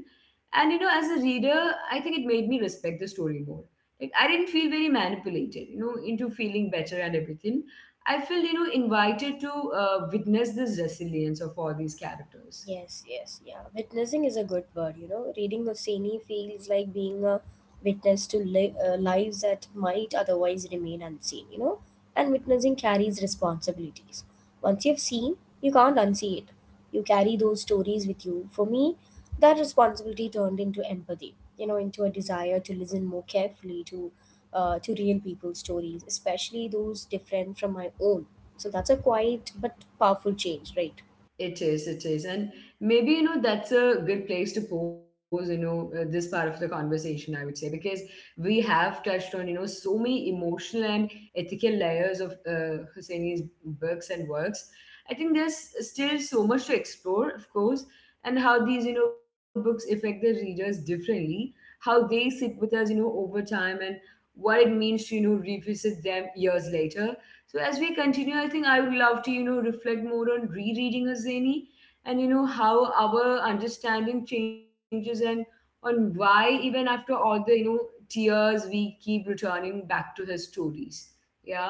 and as a reader, I think it made me respect the story more. Like I didn't feel very manipulated into feeling better and everything. I felt invited to witness this resilience of all these characters.
Yes, yes, yeah. Witnessing is a good word, you know. Reading Hosseini feels like being a witness to lives that might otherwise remain unseen, you know. And witnessing carries responsibilities. Once you've seen, you can't unsee it. You carry those stories with you. For me, that responsibility turned into empathy, you know, into a desire to listen more carefully to real people's stories, especially those different from my own. So that's a quiet but powerful change, right?
It is, it is. And maybe, that's a good place to pose, this part of the conversation, I would say, because we have touched on, so many emotional and ethical layers of Husseini's books and works. I think there's still so much to explore, of course, and how these, books affect the readers differently, how they sit with us, over time, and what it means to, revisit them years later. So as we continue, I think I would love to, reflect more on rereading Azeni, and how our understanding changes, and on why, even after all the, tears, we keep returning back to his stories. Yeah.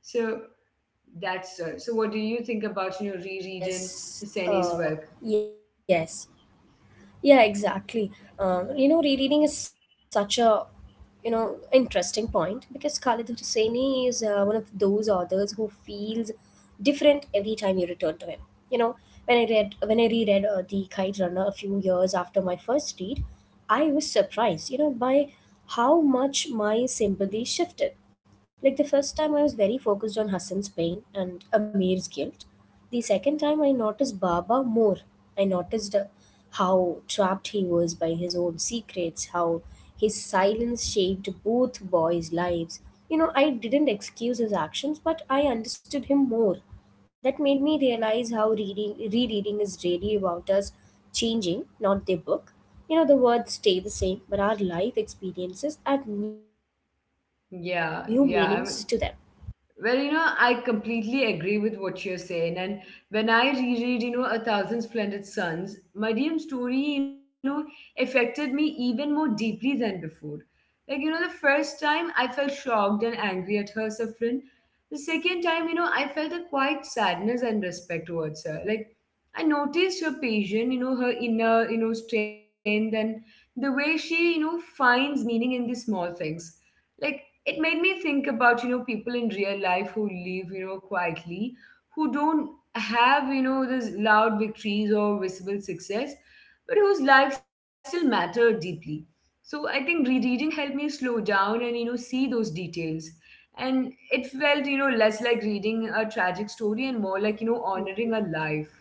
So that's so what do you think about, rereading
Yes.
Husseini's work?
Yes. Yeah, exactly. You know, rereading is such a, you know, interesting point because Khalid Hosseini is one of those authors who feels different every time you return to him. You know, when I reread The Kite Runner a few years after my first read, I was surprised, you know, by how much my sympathy shifted. Like the first time, I was very focused on Hassan's pain and Amir's guilt. The second time I noticed Baba more. I noticed how trapped he was by his own secrets, how his silence shaped both boys' lives. You know, I didn't excuse his actions, but I understood him more. That made me realize how reading rereading is really about us changing, not the book. You know, the words stay the same, but our life experiences add new meanings to them.
Yeah. I mean, well, I completely agree with what you're saying. And when I reread, A Thousand Splendid Suns, Mariam's story, affected me even more deeply than before. Like, the first time I felt shocked and angry at her suffering. The second time, I felt a quiet sadness and respect towards her. Like, I noticed her patience, her inner, strength, and the way she, finds meaning in the small things. Like, it made me think about people in real life who live quietly, who don't have those loud victories or visible success, but whose lives still matter deeply. So I think rereading helped me slow down and see those details, and it felt less like reading a tragic story and more like honoring a life.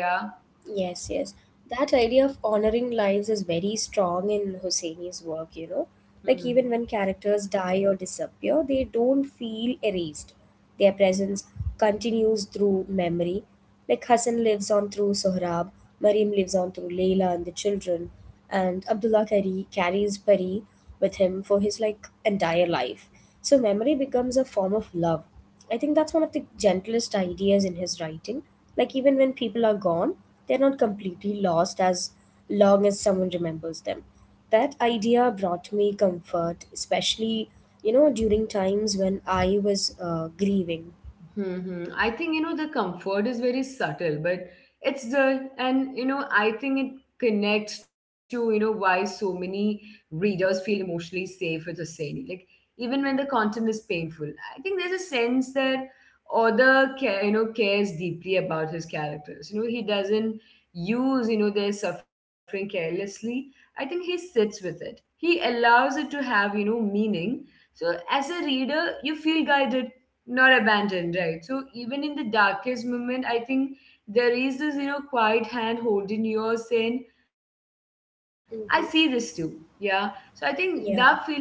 Yeah.
Yes, yes. That idea of honoring lives is very strong in Hosseini's work, you know. Like,
Hmm.
even when characters die or disappear, they don't feel erased. Their presence continues through memory. Like, Hassan lives on through Sohrab, Mariam lives on through Layla and the children, and Abdullah Kari carries Pari with him for his, like, entire life. So, memory becomes a form of love. I think that's one of the gentlest ideas in his writing. Like, even when people are gone, they're not completely lost as long as someone remembers them. That idea brought me comfort, especially, you know, during times when I was grieving.
Hmm. I think, the comfort is very subtle, but it's there. And, I think it connects to, why so many readers feel emotionally safe with Hosseini. Like, even when the content is painful, I think there's a sense that author, cares deeply about his characters. You know, he doesn't use, their suffering carelessly. I think he sits with it. He allows it to have, meaning. So as a reader, you feel guided, not abandoned, right? So even in the darkest moment, I think there is this quiet hand holding yours saying, I see this too. Yeah. So I think that feeling is quite
Yeah.
rare.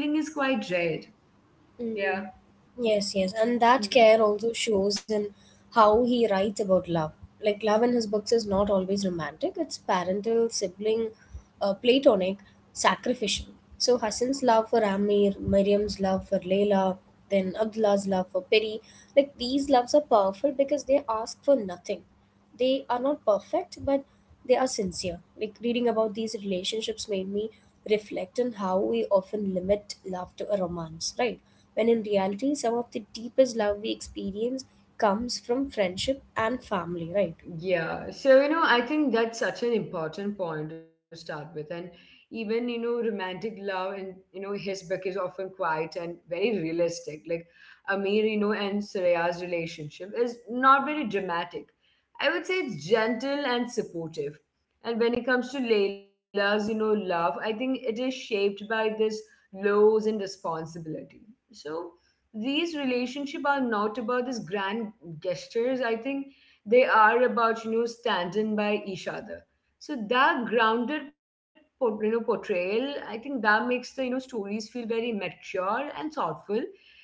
Yeah.
Hmm. Yes, yes.
Hmm.
And that care also shows in how he writes about love. Like, love in his books is not always romantic, it's parental, sibling, platonic, sacrificial. So, Hassan's love for Amir, Miriam's love for Layla, then Abdullah's love for Peri, like, these loves are powerful because they ask for nothing. They are not perfect, but they are sincere. Like reading about these relationships made me reflect on how we often limit love to a romance, right? When in reality some of the deepest love we experience comes from friendship and family, right?
Yeah, so I think that's such an important point to start with. And even, romantic love and his book is often quiet and very realistic. Like Amir, and Suraya's relationship is not very dramatic. I would say it's gentle and supportive. And when it comes to Layla's, love, I think it is shaped by this lows and responsibility. So these relationships are not about these grand gestures, I think they are about standing by each other. So that grounded portrayal, I think that makes the stories feel very mature and thoughtful.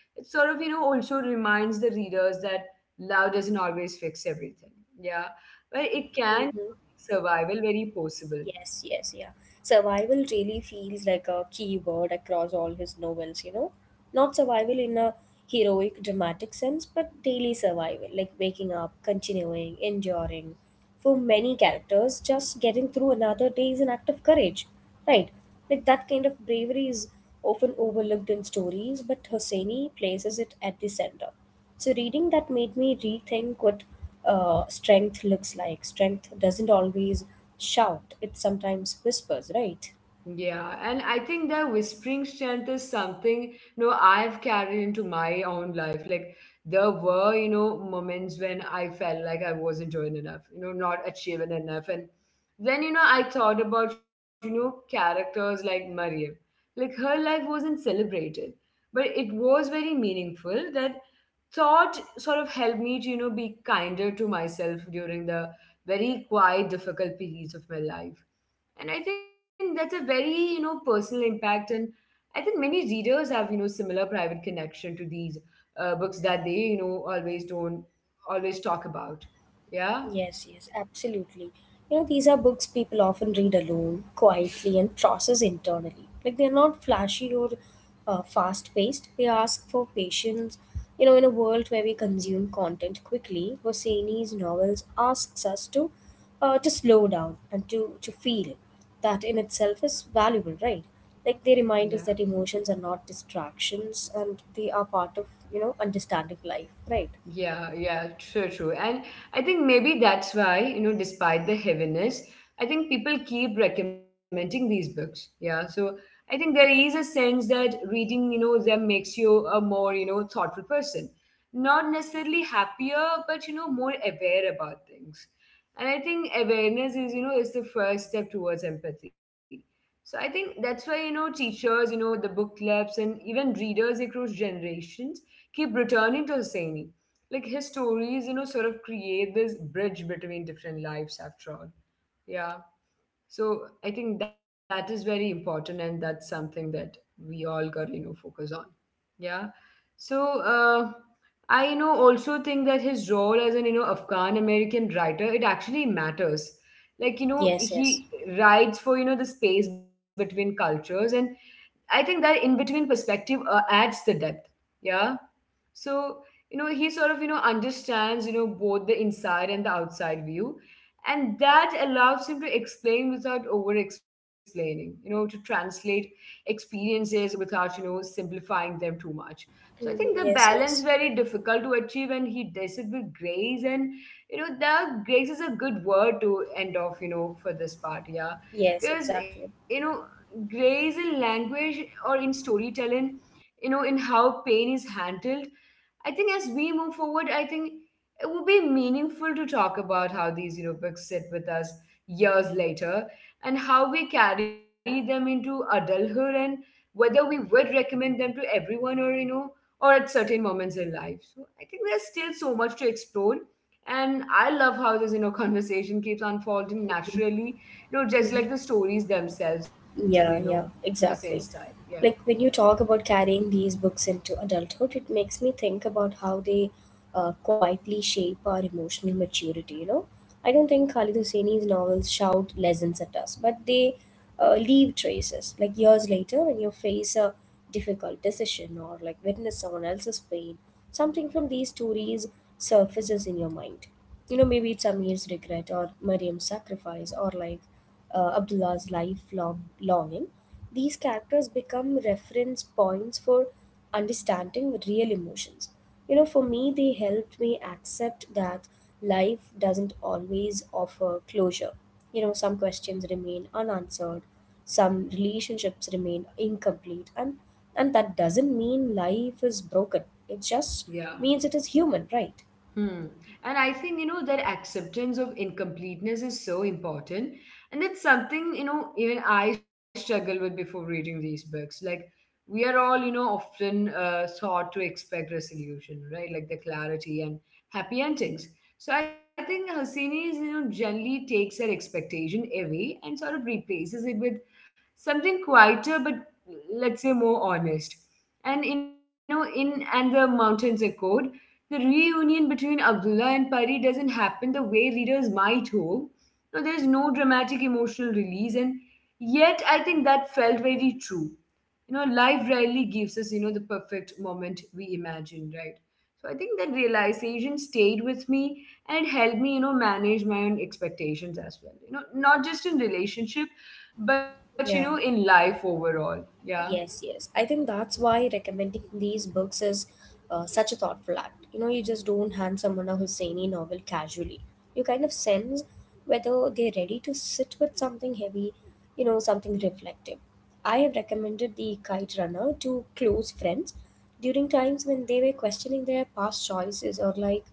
It sort of also reminds the readers that love doesn't always fix everything, yeah, but it can make
Hmm.
survival very possible.
Yes, yes, yeah. Survival really feels like a key word across all his novels, you know? Not survival in a heroic, dramatic sense, but daily survival, like waking up, continuing, enduring. For many characters, just getting through another day is an act of courage, right? Like that kind of bravery is often overlooked in stories, but Hosseini places it at the center. So reading that made me rethink what strength looks like. Strength doesn't always shout; it sometimes whispers, right?
Yeah, and I think that whispering strength is something, I've carried into my own life. Like there were, moments when I felt like I wasn't doing enough, not achieving enough. And then, I thought about, characters like Maria. Like her life wasn't celebrated, but it was very meaningful. That thought sort of helped me to, be kinder to myself during the very quiet, difficult periods of my life. And I think that's a very, personal impact. And I think many readers have, similar private connection to these books that they, you know, always don't always talk about. Yeah.
Yes, yes, absolutely. You know, these are books people often read alone, quietly, and process internally. Like, they're not flashy or fast paced. They ask for patience. You know, in a world where we consume content quickly, Hosseini's novels asks us to slow down and to feel. That in itself is valuable, right? Like, they
Yeah.
remind us that emotions are not distractions and they are part of, you know, understanding life, right?
Yeah, yeah, true, true. And I think maybe that's why, despite the heaviness, I think people keep recommending these books. Yeah. So I think there is a sense that reading, them makes you a more, thoughtful person. Not necessarily happier, but, more aware about things. And I think awareness is, is the first step towards empathy. So I think that's why, teachers, the book clubs and even readers across generations keep returning to Hosseini. Like his stories sort of create this bridge between different lives after all. Yeah. So I think that is very important, and that's something that we all got focus on. Yeah. So uh, I also think that his role as an Afghan American writer, it actually matters. Like
Yes,
he
yes.
writes for the space between cultures. And I think that in between perspective adds the depth. Yeah. So he sort of understands both the inside and the outside view, and that allows him to explain without over explaining, to translate experiences without simplifying them too much. So I think the
Mhm, yes,
balance
yes.
very difficult to achieve, and he does it with grace. And the grace is a good word to end off for this part. Yeah.
Yes,
Because
exactly.
grace in language or in storytelling, in how pain is handled. I think as we move forward, I think it would be meaningful to talk about how these, books sit with us years later, and how we carry them into adulthood, and whether we would recommend them to everyone or, or at certain moments in life. So I think there's still so much to explore. And I love how this, conversation keeps unfolding naturally, just
Mhm.
like the stories themselves. And,
Yeah, yeah,
Hussein style.
exactly.
Yeah.
Like when you talk about carrying these books into adulthood, it makes me think about how they quietly shape our emotional maturity, you know? I don't think Khalid Hosseini's novels shout lessons at us, but they leave traces. Like years later, when you face a difficult decision or like witness someone else's pain, something from these stories surfaces in your mind. You know, maybe it's Amir's regret or Mariam's sacrifice or like Abdullah's lifelong longing, these characters become reference points for understanding real emotions. You know, for me, they helped me accept that life doesn't always offer closure. You know, some questions remain unanswered, some relationships remain incomplete, and that doesn't mean life is broken. It just
Yeah.
means it is human, right?
Hmm. And I think, that acceptance of incompleteness is so important. And that's something, even I struggle with before reading these books. Like, we are all, you know, often taught to expect resolution, right? Like the clarity and happy endings. So I think Hosseini is, generally takes her expectation away and sort of replaces it with something quieter, but let's say more honest. And, in And the Mountains are Code, the reunion between Abdullah and Pari doesn't happen the way readers might hope. No, there's no dramatic emotional release, and yet I think that felt very true. You know, life rarely gives us, the perfect moment we imagine, right? So I think that realization stayed with me, and it helped me, manage my own expectations as well. You know, not just in relationship, but
Yeah.
in life overall. Yeah.
Yes, yes. I think that's why recommending these books is such a thoughtful act. You know, you just don't hand someone a Husseini novel casually. You kind of sense whether they're ready to sit with something heavy, you know, something reflective. I have recommended The Kite Runner to close friends during times when they were questioning their past choices or like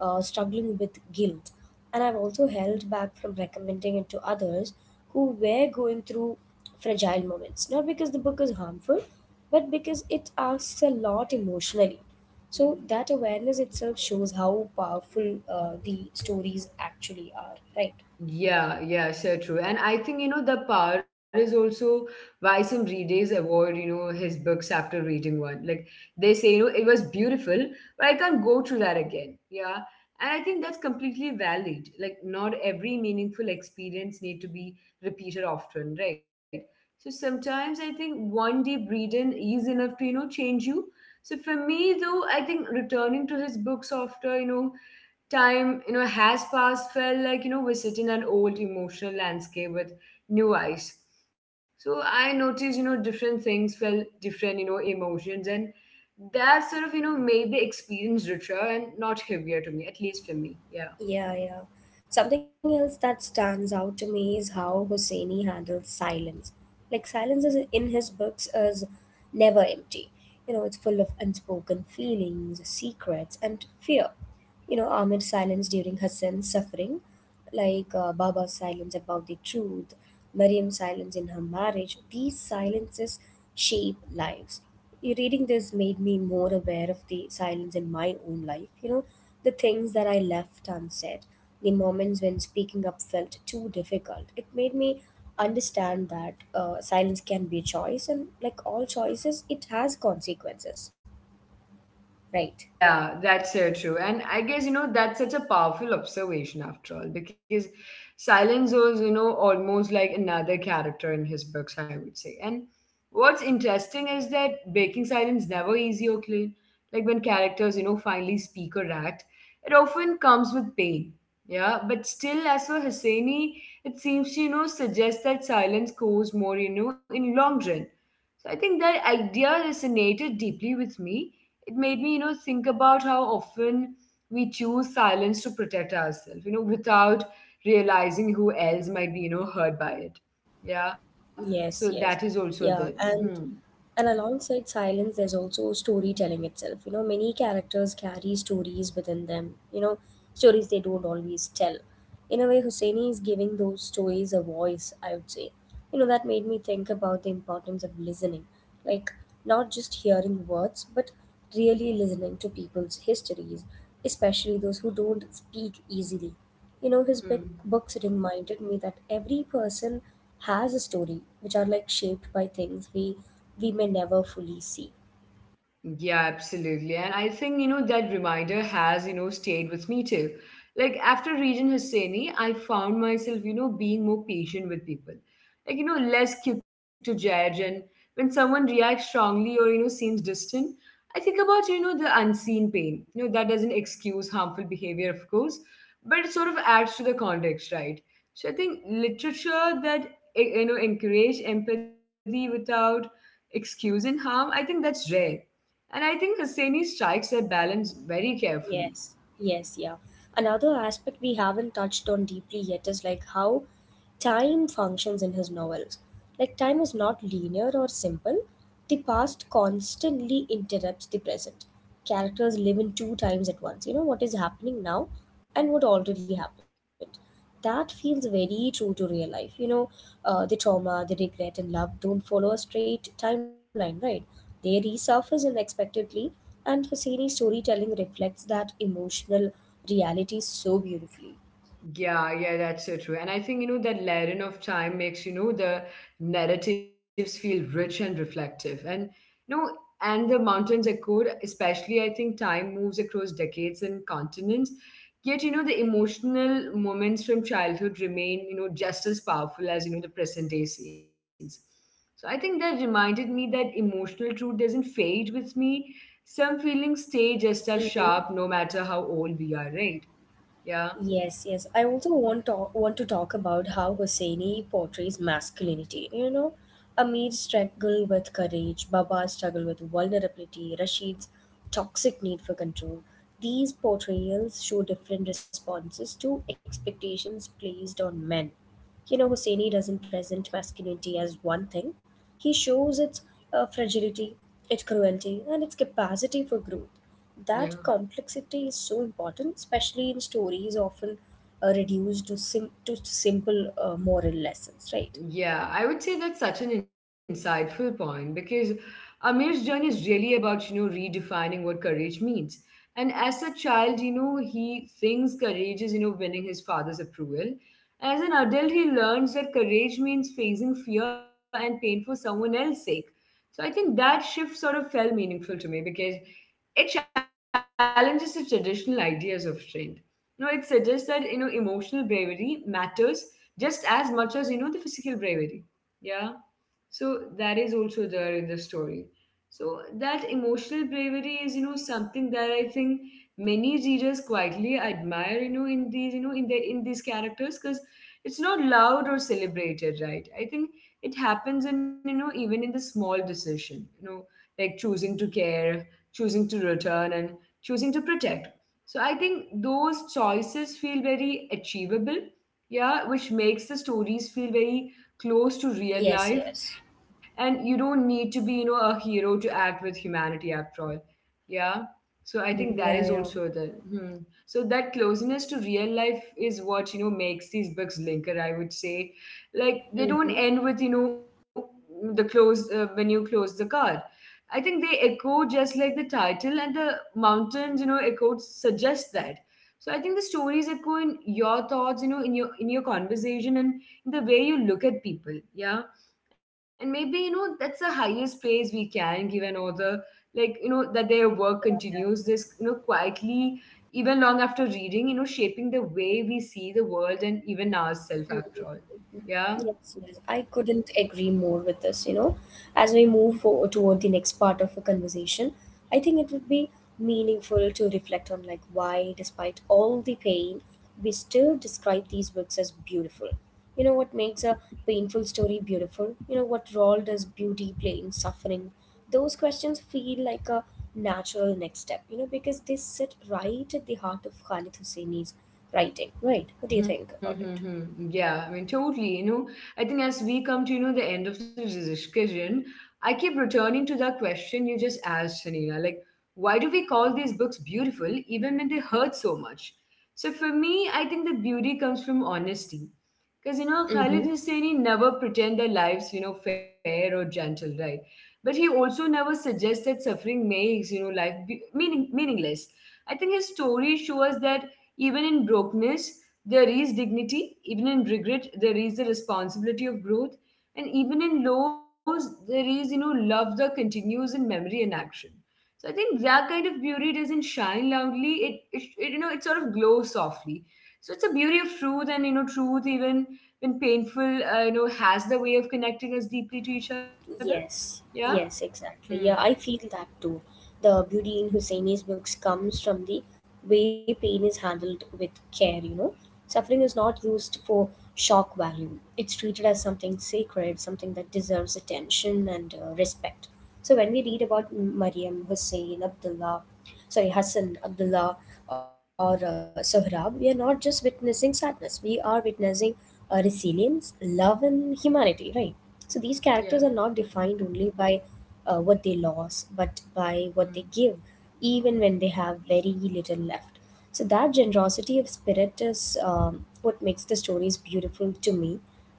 uh, struggling with guilt. And I've also held back from recommending it to others who were going through fragile moments, not because the book is harmful, but because it asks a lot emotionally. So that awareness itself shows how powerful the stories actually are, right?
Yeah, yeah, so true. And I think, the power is also why some readers avoid, his books after reading one. Like they say, it was beautiful, but I can't go through that again. Yeah. And I think that's completely valid. Like not every meaningful experience need to be repeated often, right? So sometimes I think one deep reading is enough to, change you. So for me though, I think returning to his books after, time has passed felt like we're sitting an old emotional landscape with new eyes. So I noticed different things felt different, emotions. And that sort of made the experience richer and not heavier to me, at least for me. Yeah.
Yeah, yeah. Something else that stands out to me is how Hosseini handles silence. Like silence is in his books is never empty. You know, it's full of unspoken feelings, secrets, and fear. You know, Amir's silence during Hassan's suffering, like Baba's silence about the truth, Mariam's silence in her marriage, these silences shape lives. You Reading this made me more aware of the silence in my own life, you know, the things that I left unsaid, the moments when speaking up felt too difficult. It made me understand that silence can be a choice, and like all choices, it has consequences, right?
Yeah, that's so true. And I guess, that's such a powerful observation after all, because silence was, almost like another character in his books, I would say. And what's interesting is that breaking silence never easy or clean. Like when characters, finally speak or act, it often comes with pain. Yeah, but still, as for Husseini, it seems to, suggest that silence goes more, in long run. So I think that idea resonated deeply with me. It made me, think about how often we choose silence to protect ourselves, without realizing who else might be, hurt by it. Yeah. So
Yes,
that is
yes.
also there.
Yeah, and
Hmm.
alongside silence there's also storytelling itself. You know, many characters carry stories within them, you know, stories they don't always tell. In a way, Husseini is giving those stories a voice, I would say. You know, that made me think about the importance of listening. Like not just hearing words, but really listening to people's histories, especially those who don't speak easily. You know, his big
Hmm.
books reminded me that every person has a story which are like shaped by things we may never fully see.
Yeah, absolutely. And I think, that reminder has, stayed with me too. Like after reading Husseini, I found myself, being more patient with people. Like, less quick to judge. And when someone reacts strongly or, seems distant, I think about, the unseen pain. You know, that doesn't excuse harmful behavior, of course, but it sort of adds to the context, right? So I think literature that, encourage empathy without excusing harm, I think that's rare. And I think Hosseini strikes a balance very carefully.
Yes, yes, yeah. Another aspect we haven't touched on deeply yet is like how time functions in his novels. Like time is not linear or simple. The past constantly interrupts the present. Characters live in two times at once. You know, what is happening now and what already happened. That feels very true to real life. You know, the trauma, the regret, and love don't follow a straight timeline, right? They resurface unexpectedly and Hosseini storytelling reflects that emotional reality so beautifully.
Yeah, yeah, that's so true. And I think, that layering of time makes, the narratives feel rich and reflective. And, you know, and the mountains echoed, especially, I think time moves across decades and continents. Yet, the emotional moments from childhood remain, just as powerful as, the present day scenes. So I think that reminded me that emotional truth doesn't fade with me. Some feelings stay just as sharp
Mm-hmm.
no matter how old we are, right? Yeah,
Yes, yes. I also want to talk about how Hosseini portrays masculinity. You know, Amir struggle with courage, Baba struggle with vulnerability, Rashid's toxic need for control. These portrayals show different responses to expectations placed on men. You know, Hosseini doesn't present masculinity as one thing. He shows its fragility, its cruelty, and its capacity for growth. That
yeah.
complexity is so important, especially in stories often reduced to simple moral lessons, right?
Yeah, I would say that's such an insightful point because Amir's journey is really about, redefining what courage means. And as a child, he thinks courage is, winning his father's approval. As an adult, he learns that courage means facing fear and pain for someone else's sake. So I think that shift sort of felt meaningful to me because it challenges the traditional ideas of strength. You know, it suggests that, emotional bravery matters just as much as, the physical bravery. Yeah. So that is also there in the story. So that emotional bravery is, something that I think many readers quietly admire, in the in these characters, because it's not loud or celebrated, right? I think it happens in, even in the small decision, like choosing to care, choosing to return, and choosing to protect. So I think those choices feel very achievable, yeah, which makes the stories feel very close to
Yes,
real
yes.
life. And you don't need to be a hero to act with humanity after all. Yeah. So I
Mm-hmm.
think that is
Yeah, yeah.
also the. Hmm. So that closeness to real life is what makes these books linger, I would say. Like they don't
Mm-hmm.
end with you know the close when you close the card. I think they echo just like the title, and the mountains echo suggest that. So I think the stories echo in your thoughts, in your conversation and the way you look at people. Yeah. And maybe that's the highest praise we can give an author, like that their work
Yeah,
continues
yeah.
this quietly, even long after reading, shaping the way we see the world and even ourselves after
Mm-hmm.
all. Yeah.
Yes, yes, I couldn't agree more with this. You know, as we move forward toward the next part of the conversation, I think it would be meaningful to reflect on like why, despite all the pain, we still describe these books as beautiful. You know, what makes a painful story beautiful? You know, what role does beauty play in suffering? Those questions feel like a natural next step. You know, because they sit right at the heart of Khalid Hosseini's writing. Right? What do you think about it?
Mm-hmm. Yeah, I mean, totally. You know, I think as we come to, the end of the discussion, I keep returning to that question you just asked, Hanina. Like, why do we call these books beautiful even when they hurt so much? So for me, I think the beauty comes from honesty. Because, Khalid
Mm-hmm.
Hosseini never pretend their lives, fair or gentle, right? But he also never suggests that suffering makes, meaningless. I think his stories show us that even in brokenness, there is dignity, even in regret, there is the responsibility of growth, and even in lows, there is, love that continues in memory and action. So I think that kind of beauty doesn't shine loudly. It sort of glows softly. So it's a beauty of truth, and truth even when painful, has the way of connecting us deeply to each other. Yeah.
Yes, yes,
Hmm.
exactly. Yeah, I feel that too. The beauty in Husseini's books comes from the way pain is handled with care, you know. Suffering is not used for shock value, it's treated as something sacred, something that deserves attention and respect. So when we read about Mariam, Hussein, Abdullah, sorry, Hassan, Abdullah, or Sohrab, we are not just witnessing sadness, we are witnessing resilience, love, and humanity, right? So these characters are
Yeah.
not defined only by what they lost, but by
Hmm.
what they give, even when they have very little left. So that generosity of spirit is what makes the stories beautiful to me.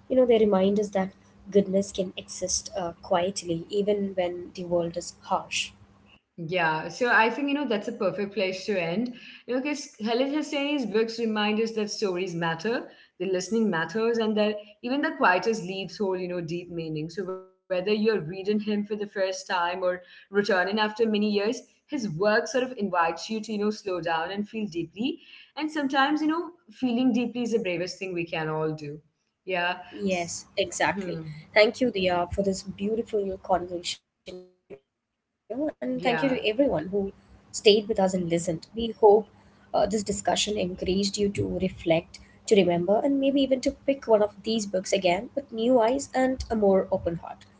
You know, they remind us that goodness can exist quietly, even when the world is harsh.
Yeah, so I think that's a perfect place to end. You know, because Khalid Hosseini's books remind us that stories matter, the listening matters, and that even the quietest leaves hold deep meaning. So whether you're reading him for the first time or returning after many years, his work sort of invites you to slow down and feel deeply. And sometimes feeling deeply is the bravest thing we can all do. Yeah. S-
Yes, exactly.
Hmm.
Thank you, Dia, for this beautiful conversation, you know, and thank you to everyone who
Yeah.
stayed with us and listened. We hope this discussion encouraged you to reflect, to remember, and maybe even to pick one of these books again with new eyes and a more open heart. Right.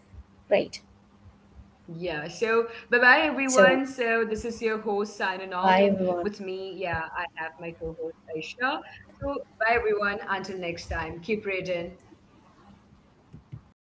Yeah, so bye bye
So,
everyone. So this is your host signing
bye,
off, and
everyone.
with me, yeah, I have my co host Aisha. So bye everyone. Until next time, keep reading.
Bye.